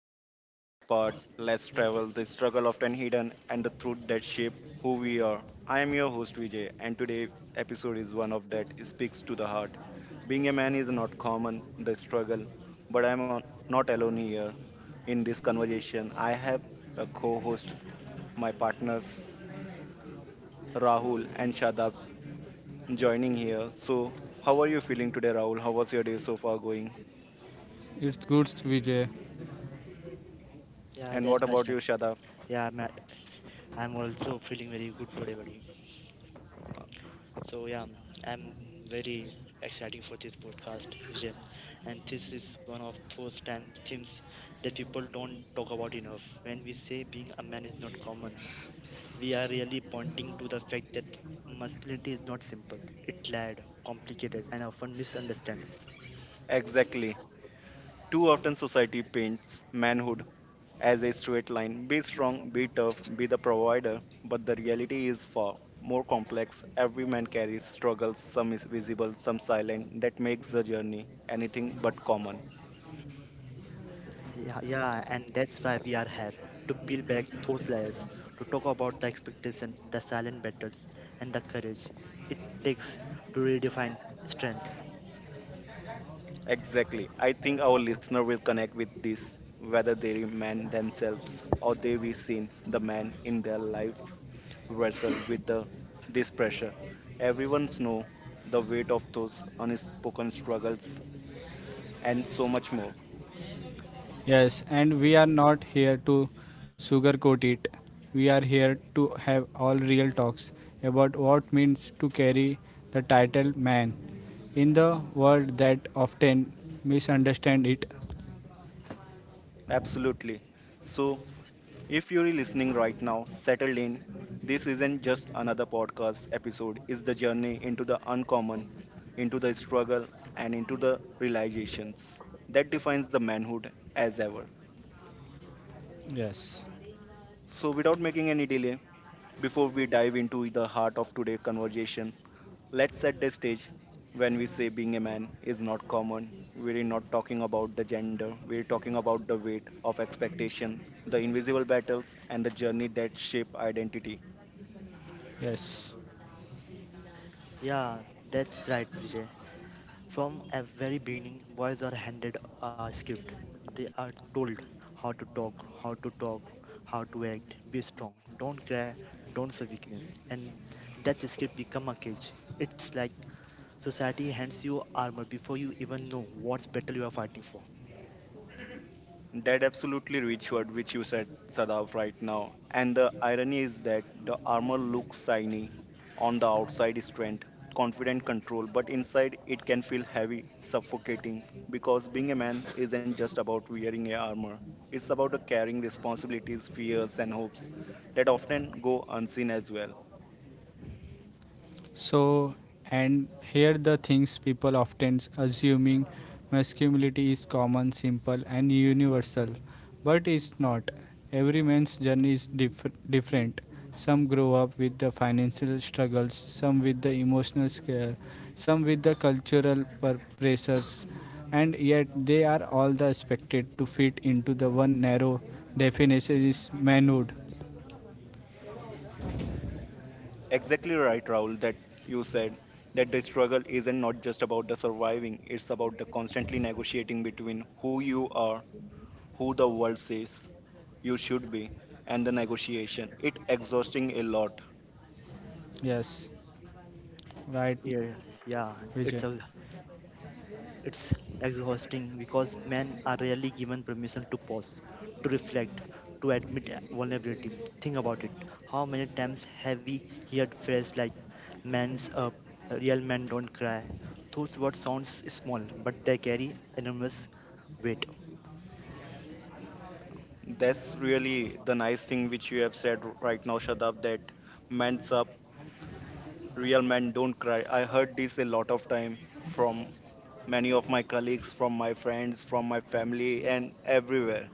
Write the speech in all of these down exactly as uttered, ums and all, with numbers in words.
where we explore the part, let's travel, the struggle often hidden, and the truth that shape who we are. I am your host Vijay, and today episode is one of that speaks to the heart. Being a man is not common, the struggle, but I'm not alone here. In this conversation, I have a co-host, my partners Rahul and Shadab joining here. So, how are you feeling today, Rahul? How was your day so far going? It's good, Vijay. Yeah, And what that's about you, myself. Shadab? Yeah, I'm, I'm also feeling very good today, buddy. So yeah, um, I'm very exciting for this podcast, Vijay. And this is one of those time themes that people don't talk about enough. When we say being a man is not common, we are really pointing to the fact that masculinity is not simple. It's layered, complicated, and often misunderstood. Exactly. Too often, society paints manhood as a straight line be strong, be tough, be the provider. But the reality is far more complex. Every man carries struggles, some is visible, some silent, that makes the journey anything but common. Yeah, yeah, and that's why we are here to peel back those layers, to talk about the expectation, the silent battles, and the courage it takes to redefine strength. Exactly. I think our listener will connect with this, whether they remain themselves or they be seen the man in their life wrestle with the this pressure. Everyone's know the weight of those unspoken struggles and so much more. Yes, and we are not here to sugarcoat it. We are here to have all real talks about what means to carry the title man in the world that often misunderstand it. Absolutely. So, if you're listening right now, settled in. This isn't just another podcast episode, it's the journey into the uncommon, into the struggle, and into the realizations that defines the manhood as ever. Yes, So, without making any delay, before we dive into the heart of today's conversation, let's set the stage. When we say being a man is not common, we're not talking about the gender, we're talking about the weight of expectation, the invisible battles, and the journey that shape identity. yes. Yeah, that's right, Vijay. From a very beginning, boys are handed a script. They are told how to talk, how to talk, how to act, be strong, don't cry, don't show weakness. And that script become a cage. It's like society hands you armor before you even know what battle you are fighting for. That absolutely rich word which you said, Sadaf, right now. And the irony is that the armor looks shiny on the outside, strength, confident control, but inside it can feel heavy, suffocating. Because being a man isn't just about wearing a armor, it's about the carrying responsibilities, fears, and hopes that often go unseen as well. So, and here the things people often assuming masculinity is common, simple, and universal, but it's not. Every man's journey is diff- different. Some grow up with the financial struggles, some with the emotional scare, some with the cultural per- pressures, and yet they are all the expected to fit into the one narrow definition is manhood. Exactly right, Raul, that you said that the struggle isn't not just about the surviving, it's about the constantly negotiating between who you are who the world says you should be, and the negotiation. It exhausting a lot. Yes, right, Yeah, yeah, Vijay. it's ex- it's exhausting because men are rarely given permission to pause, to reflect, to admit vulnerability. Think about it. How many times have we heard phrases like "man's up," "real men don't cry"? Those words sounds small, but they carry enormous weight. That's really the nice thing which you have said r- right now, Shadab, that men's up, real men don't cry. I heard this a lot of time from many of my colleagues, from my friends, from my family, and everywhere.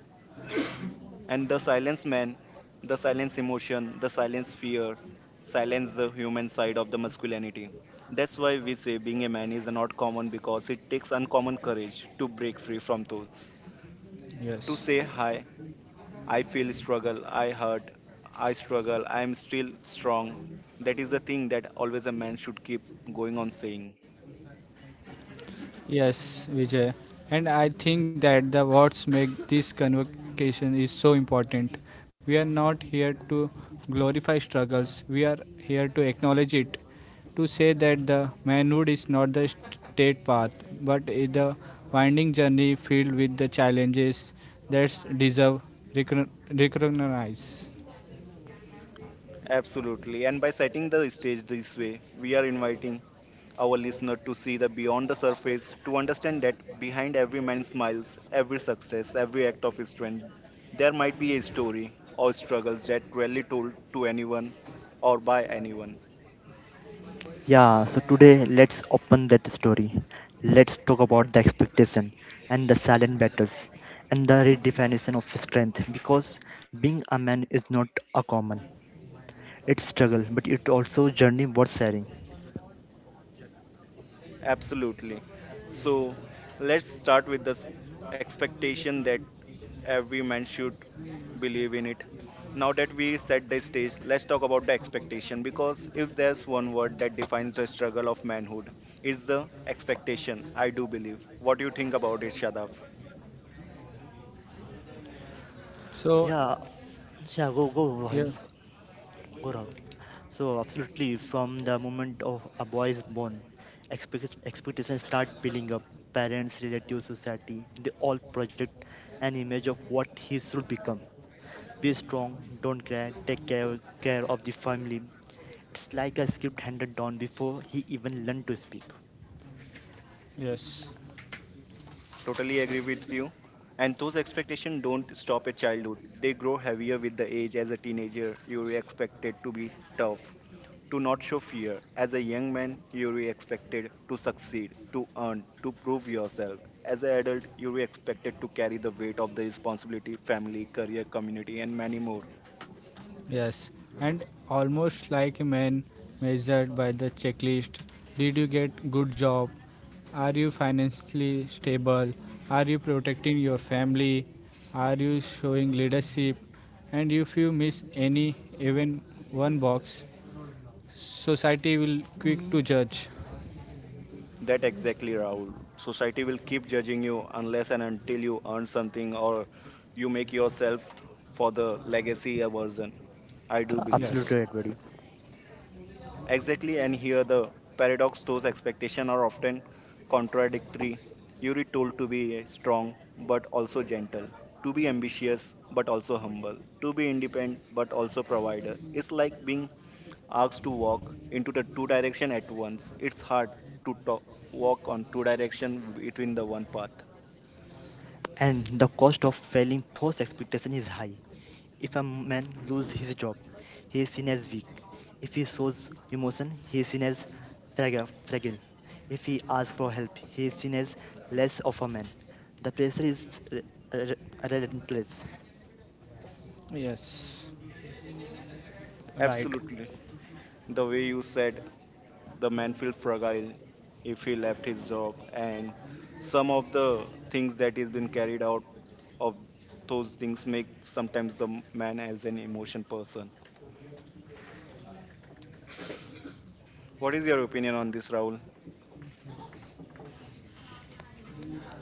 And the silence man, the silence emotion, the silence fear, silence the human side of the masculinity. That's why we say being a man is not common because it takes uncommon courage to break free from those. To say Yes. hi, I feel struggle, I hurt, I struggle, I am still strong. That is the thing that always a man should keep going on saying. Yes, Vijay. And I think that the words make this convocation is so important. We are not here to glorify struggles. We are here to acknowledge it, to say that the manhood is not the straight path, but is the winding journey filled with the challenges that deserve recognize. Absolutely. And by setting the stage this way, we are inviting our listener to see the beyond the surface, to understand that behind every man's smiles, every success, every act of strength, there might be a story or struggles that rarely told to anyone or by anyone. Yeah, so today let's open that story. Let's talk about the expectation and the silent battles and the redefinition of strength because being a man is not a common. It's struggle, but it also journey worth sharing. Absolutely. So let's start with the expectation that every man should believe in it. Now that we set the stage, let's talk about the expectation because if there's one word that defines the struggle of manhood, it's the expectation. I do believe. What do you think about it, Shadab? So, Yeah, yeah, go go yeah, Rahul, go Rahul. So absolutely, from the moment of a boy is born, expect- expectations start building up. Parents, relatives, society, they all project an image of what he should become. Be strong, don't cry, take care, care of the family. It's like a script handed down before he even learned to speak. yes. Totally agree with you. And those expectations don't stop at childhood. They grow heavier with the age. As a teenager, you're expected to be tough, to not show fear. As a young man, you're expected to succeed, to earn, to prove yourself. As an adult, you're expected to carry the weight of the responsibility, family, career, community, and many more. Yes, and almost like a man measured by the checklist. Did you get good job? Are you financially stable? Are you protecting your family? Are you showing leadership? And if you miss any even one box, society will quick to judge. That exactly, Rahul. Society will keep judging you unless and until you earn something or you make yourself for the legacy a version. I Ab- do believe. Yes. Absolutely right, buddy. Exactly, and here the paradox those expectations are often contradictory. You are told to be strong but also gentle, to be ambitious but also humble, to be independent but also provider. It's like being asked to walk into the two direction at once. It's hard to talk, walk on two direction between the one path. And the cost of failing those expectations is high. If a man loses his job, he is seen as weak. If he shows emotion, he is seen as fraga- fragile. If he asks for help, he is seen as less of a man. The pressure is re- re- relentless. Yes. Right. Absolutely. The way you said the man feels fragile if he left his job and some of the things that is been carried out of those things make sometimes the man as an emotion person. What is your opinion on this, Rahul?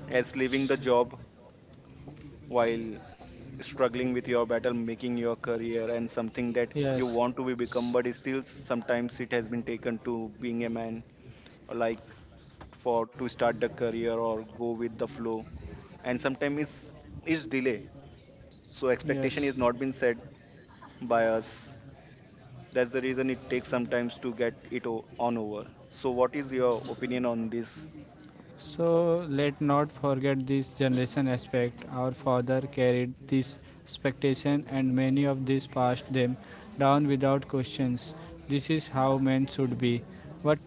As leaving the job while struggling with your battle making your career and something that you Yes. want to be become S- but it still sometimes it has been taken to being a man or like for to start the career or go with the flow and sometimes it's, it's delay so expectation is Yes. not been set by us that's the reason it takes sometimes to get it o- on over so what is your opinion on this So let not forget this generation aspect. Our father carried this expectation and many of these passed them down without questions. This is how men should be. But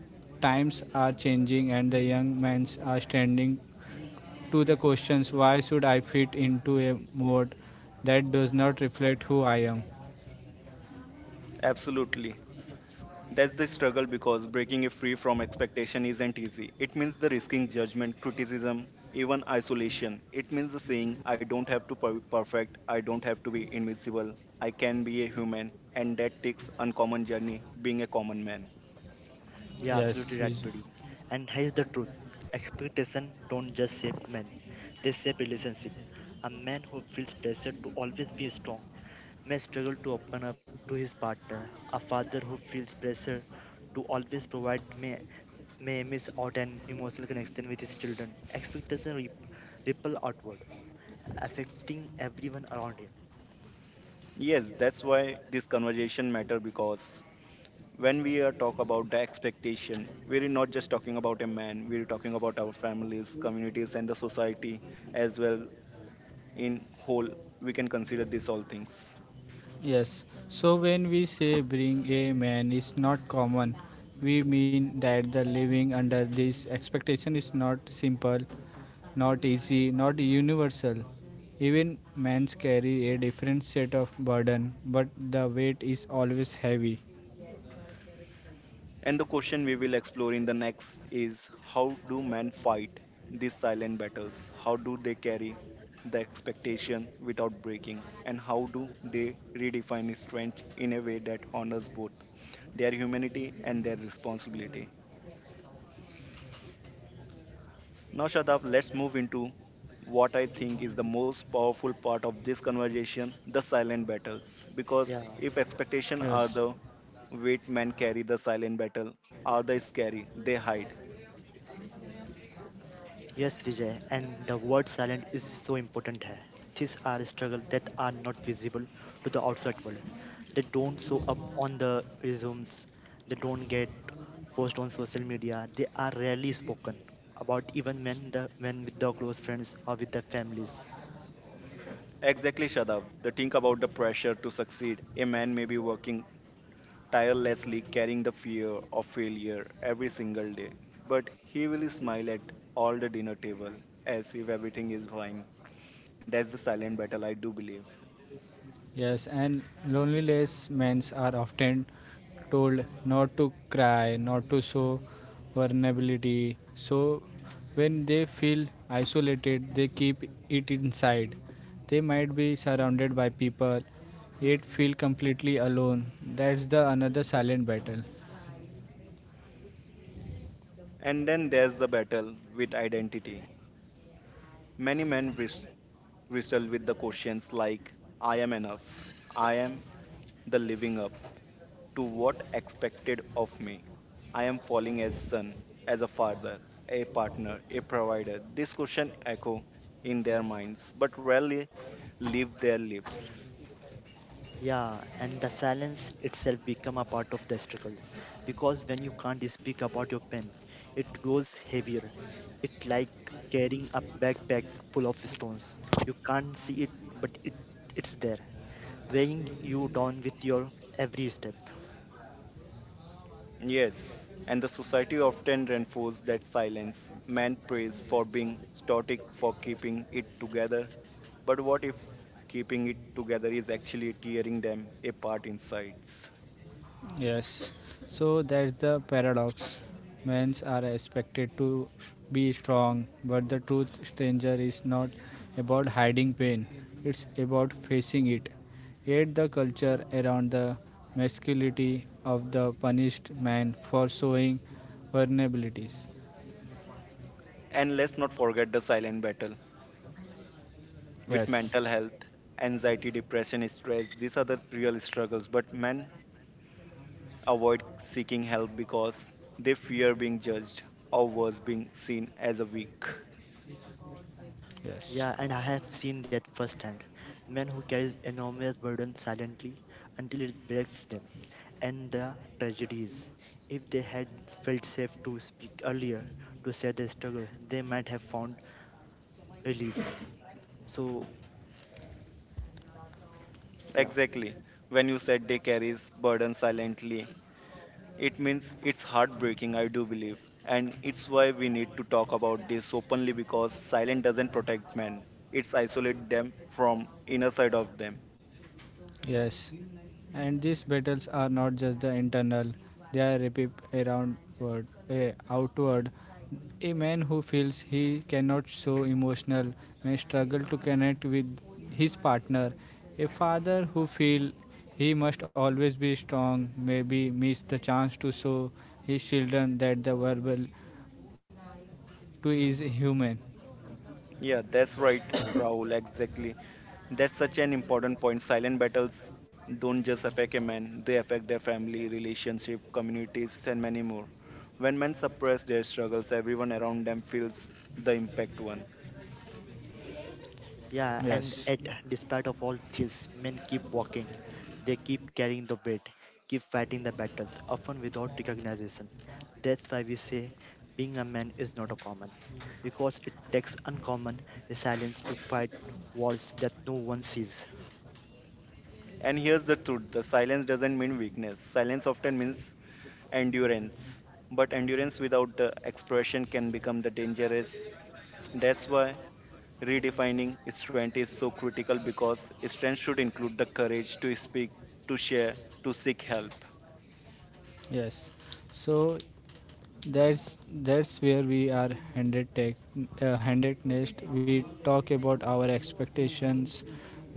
times are changing and the young men are standing to the questions why should I fit into a mode that does not reflect who I am? absolutely. That's the struggle because breaking it free from expectation isn't easy. It means the risking judgment, criticism, even isolation. It means the saying, I don't have to be perfect, I don't have to be invincible, I can be a human, and that takes uncommon journey being a common man. Yeah, Yes, absolutely right, buddy. And here's the truth. Expectation don't just shape men, they shape relationship. A man who feels pressure to always be strong may struggle to open up to his partner. A father who feels pressure to always provide may may miss out an emotional connection with his children. Expectation rip, ripple outward, affecting everyone around him. Yes, that's why this conversation matter because when we are talk about the expectation, we're not just talking about a man, we're talking about our families, communities, and the society as well in whole. We can consider these all things. Yes. So when we say bring a man is not common, we mean that the living under this expectation is not simple, not easy, not universal. Even men carry a different set of burden, but the weight is always heavy. And the question we will explore in the next is how do men fight these silent battles? How do they carry the expectation without breaking? And how do they redefine strength in a way that honors both their humanity and their responsibility? Now, Shadab, let's move into what I think is the most powerful part of this conversation the silent battles. Because Yeah. if expectations are Yes. the weight men carry, the silent battle are the scary, they hide. Yes, Vijay, and the word silent is so important here. These are struggles that are not visible to the outside world. They don't show up on the resumes, they don't get posted on social media, they are rarely spoken about even when the when with the close friends or with the families. Exactly, Shadab. The think about the pressure to succeed. A man may be working tirelessly, carrying the fear of failure every single day, but he will smile at all the dinner table as if everything is fine. That's the silent battle, I do believe. Yes, and loneliness men are often told not to cry, not to show vulnerability. So when they feel isolated, they keep it inside. They might be surrounded by people, yet feel completely alone. That's the another silent battle. And then there's the battle with identity. Many men wrist- wrestle with the questions like, I am enough, I am the living up, to what expected of me. I am falling as son, as a father, a partner, a provider. These questions echo in their minds, but rarely leave their lips. Yeah, and the silence itself become a part of the struggle, because when you can't speak about your pain, it grows heavier. It like carrying a backpack full of stones. You can't see it, but it it's there, weighing you down with your every step. Yes, and the society often reinforces that silence. Man prays for being static, for keeping it together. But what if keeping it together is actually tearing them apart inside? Yes, so that's the paradox. Men are expected to sh- be strong, but the truth, stranger, is not about hiding pain, it's about facing it. Yet, the culture around the masculinity of the punished man for showing vulnerabilities. And let's not forget the silent battle with Yes, mental health, anxiety, depression, stress. These are the real struggles. But men avoid seeking help because they fear being judged or worse, being seen as a weak. yes, Yeah, and I have seen that firsthand. Men who carry enormous burden silently until it breaks them. And the tragedies. If they had felt safe to speak earlier, to share their struggle, they might have found relief. So, yeah. Exactly. When you said they carries burden silently, it means it's heartbreaking, I do believe. And it's why we need to talk about this openly because silence doesn't protect men. It's isolate them from inner side of them. yes. And these battles are not just the internal, they are repeat around, word, eh, outward. A man who feels he cannot show emotional may struggle to connect with his partner. A father who feels he must always be strong maybe miss the chance to show his children that the verbal too is human. Yeah, that's right, Rahul, exactly. That's such an important point. Silent battles don't just affect a man, they affect their family, relationship, communities, and many more. When men suppress their struggles, everyone around them feels the impact one. Yeah, and Yes, at Despite of all this, men keep walking. They keep carrying the weight, keep fighting the battles, often without recognition. That's why we say being a man is not a common, because it takes uncommon resilience to fight wars that no one sees. And here's the truth the silence doesn't mean weakness, silence often means endurance. But endurance without the expression can become the dangerous. That's why redefining strength is so critical because strength should include the courage to speak, to share, to seek help. yes. So That's that's where we are handed tech, uh, handed next. We talk about our expectations.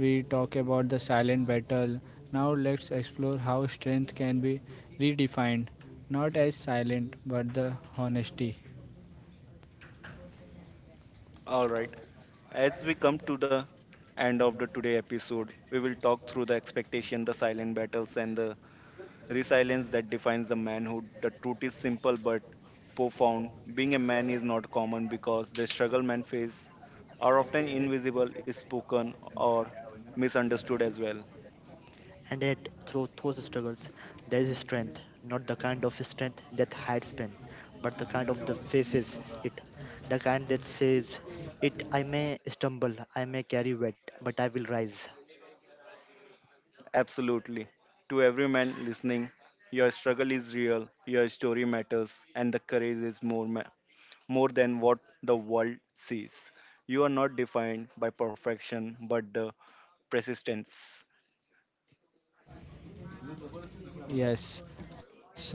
We talk about the silent battle. Now let's explore how strength can be redefined, not as silent but the honesty. All right. As we come to the end of the today episode, we will talk through the expectation, the silent battles, and the resilience that defines the manhood. The truth is simple but profound. Being a man is not common because the struggle men face are often invisible, is spoken, or misunderstood as well. And yet, through those struggles, there is strength, not the kind of strength that hides pain, but the kind of that faces it, the kind that says, "It I may stumble, I may carry weight, but I will rise." Absolutely. To every man listening, your struggle is real, your story matters, and the courage is more, ma- more than what the world sees. You are not defined by perfection, but the persistence. Yes. So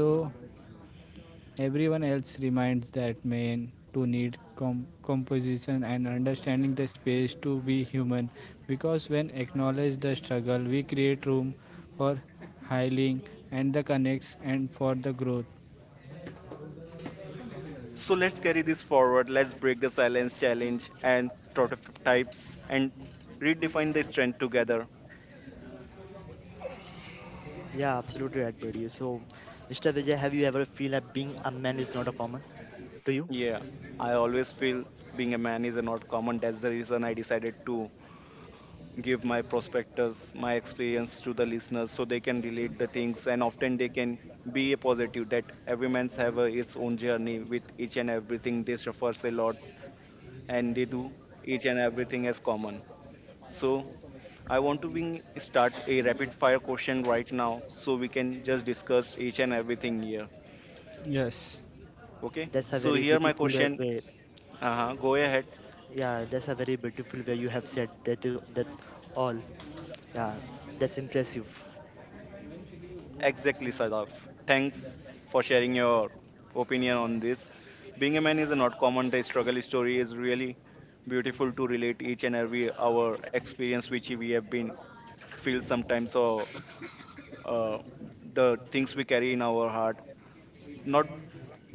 everyone else reminds that man to need com- composition and understanding the space to be human, because when acknowledge the struggle we create room for healing and the connects and for the growth. So let's carry this forward. Let's break the silence challenge and prototypes and redefine the strength together. Yeah, absolutely right, buddy. So, Mister Vijay, have you ever feel that being a man is not a common to you? Yeah, I always feel being a man is not common. That's the reason I decided to give my prospectors my experience to the listeners so they can relate the things and often they can be a positive that every man's have a, its own journey with each and everything they suffers a lot and they do each and everything as common so I want to bring start a rapid fire question right now so we can just discuss each and everything here. Yes, Yeah, Okay that's a so very here my beautiful uh, question. way. Uh-huh, go ahead. Yeah, that's a very beautiful way you have said that uh, that all. Yeah, that's impressive. Exactly, Sadaf. Thanks for sharing your opinion on this. Being a man is not common. The struggle story is really beautiful to relate each and every our experience which we have been feel sometimes or uh, the things we carry in our heart. Not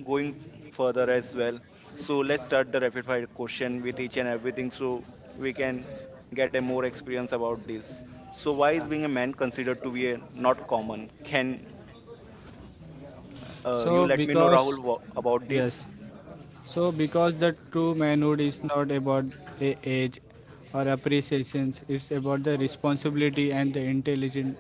going further as well. So let's start the rapid fire question with each and everything so we can get a more experience about this. So why is Yeah, being a man considered to be a not common? Can Uh, you so let me know, Rahul, because wha- about this. yes, so because the true manhood is not about a age or appreciations, it's about the responsibility and the intelligent.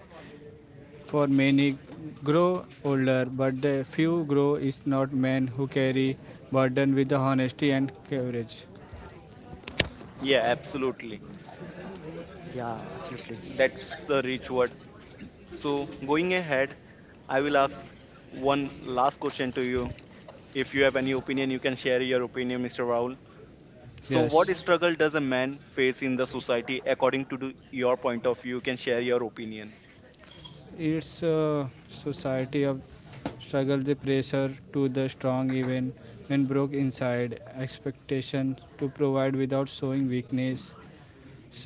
For many grow older, but the few grow is not men who carry burden with the honesty and courage. Yeah, absolutely. yeah, absolutely. That's the rich word. So, going ahead, I will ask one last question to you. If you have any opinion, you can share your opinion, Mister Rahul. So, Yes, what struggle does a man face in the society according to the- your point of view? You can share your opinion. it's a society of struggle. The pressure to the strong, even when broke inside, expectation to provide without showing weakness,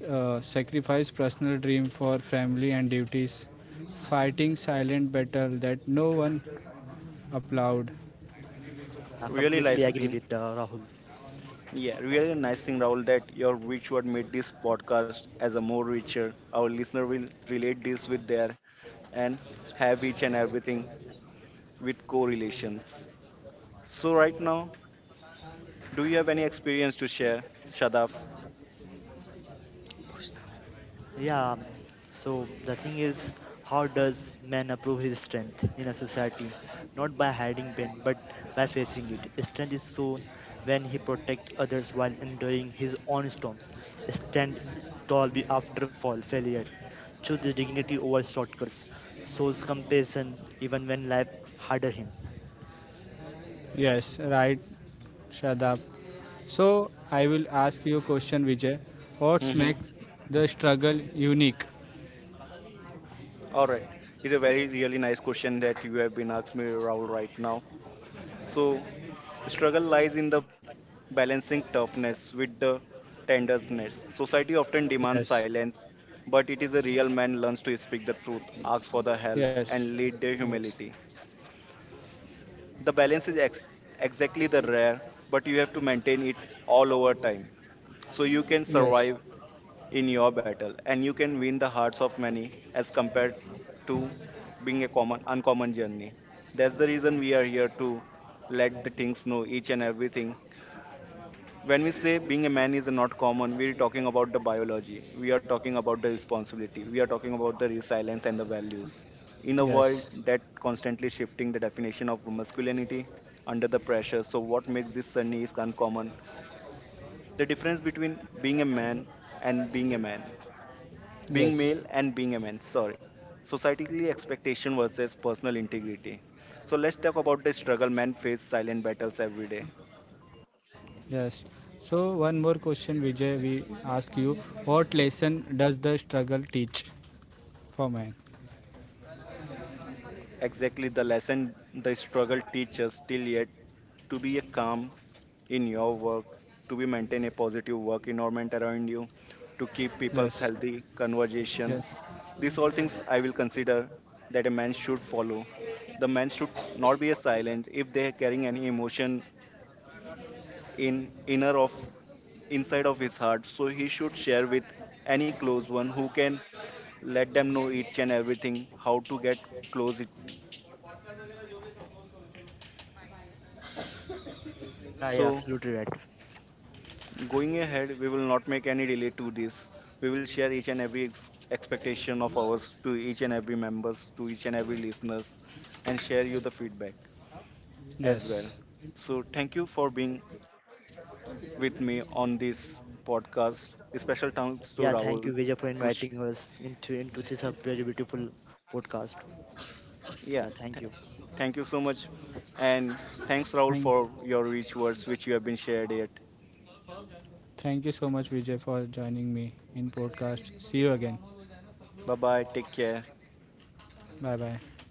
uh, sacrifice personal dream for family and duties, fighting silent battle that no one applaud. Yeah, Really completely nice agree thing. with uh, Rahul. Yeah, really nice thing, Rahul, that your rich word made this podcast as a more richer. Our listener will relate this with their and have each and everything with correlations. So, right now, do you have any experience to share, Shadaf? Yeah, um, so the thing is, how does man approve his strength in a society? Not by hiding pain, but by facing it. Strength is shown when he protects others while enduring his own storms. Stand tall be- after fall, failure. Choose dignity over shortcuts. Shows compassion even when life harder him. Yes, right, Shadab. So I will ask you a question, Vijay. What Mm-hmm. makes the struggle unique? All right. It's a very, really nice question that you have been asked me, Rahul, right now. So, struggle lies in the balancing toughness with the tenderness. Society often demands Yes, silence, but it is a real man learns to speak the truth, ask for the help, yes, and lead the yes, humility. The balance is ex- exactly the rare, but you have to maintain it all over time so you can yes, survive in your battle, and you can win the hearts of many as compared to being a common uncommon journey. That's the reason we are here to let the things know each and everything. When we say being a man is not common, we're talking about the biology. We are talking about the responsibility. We are talking about the resilience and the values. In a world yes, that constantly shifting the definition of masculinity under the pressure, so what makes this journey is uncommon? The difference between being a man and being a man being male yes, and being a man sorry societally expectation versus personal integrity so let's talk about the struggle men face silent battles every day. yes. So one more question, Vijay. We ask you, what lesson does the struggle teach for man? Exactly the lesson the struggle teaches till yet to be a calm in your work to be maintain a positive work environment around you to keep people's healthy Yes, conversation yes, these all things I will consider that a man should follow the man should not be a silent if they are carrying any emotion in inner of inside of his heart, so he should share with any close one who can let them know each and everything how to get close it. Yeah, yeah, So absolutely right. going ahead, we will not make any delay to this. We will share each and every ex- expectation of ours to each and every members, to each and every listeners, and share you the feedback as well. yes. So thank you for being with me on this podcast. A special thanks to Yeah, thank Rahul you, Vijay, for to sh- inviting us into into this a very beautiful podcast. Yeah, Yeah, thank th- you. thank you so much. And thanks, Raul, Thank, for your rich words which you have been shared yet. thank you so much, Vijay, for joining me in podcast. See you again. Bye bye. Take care. Bye bye.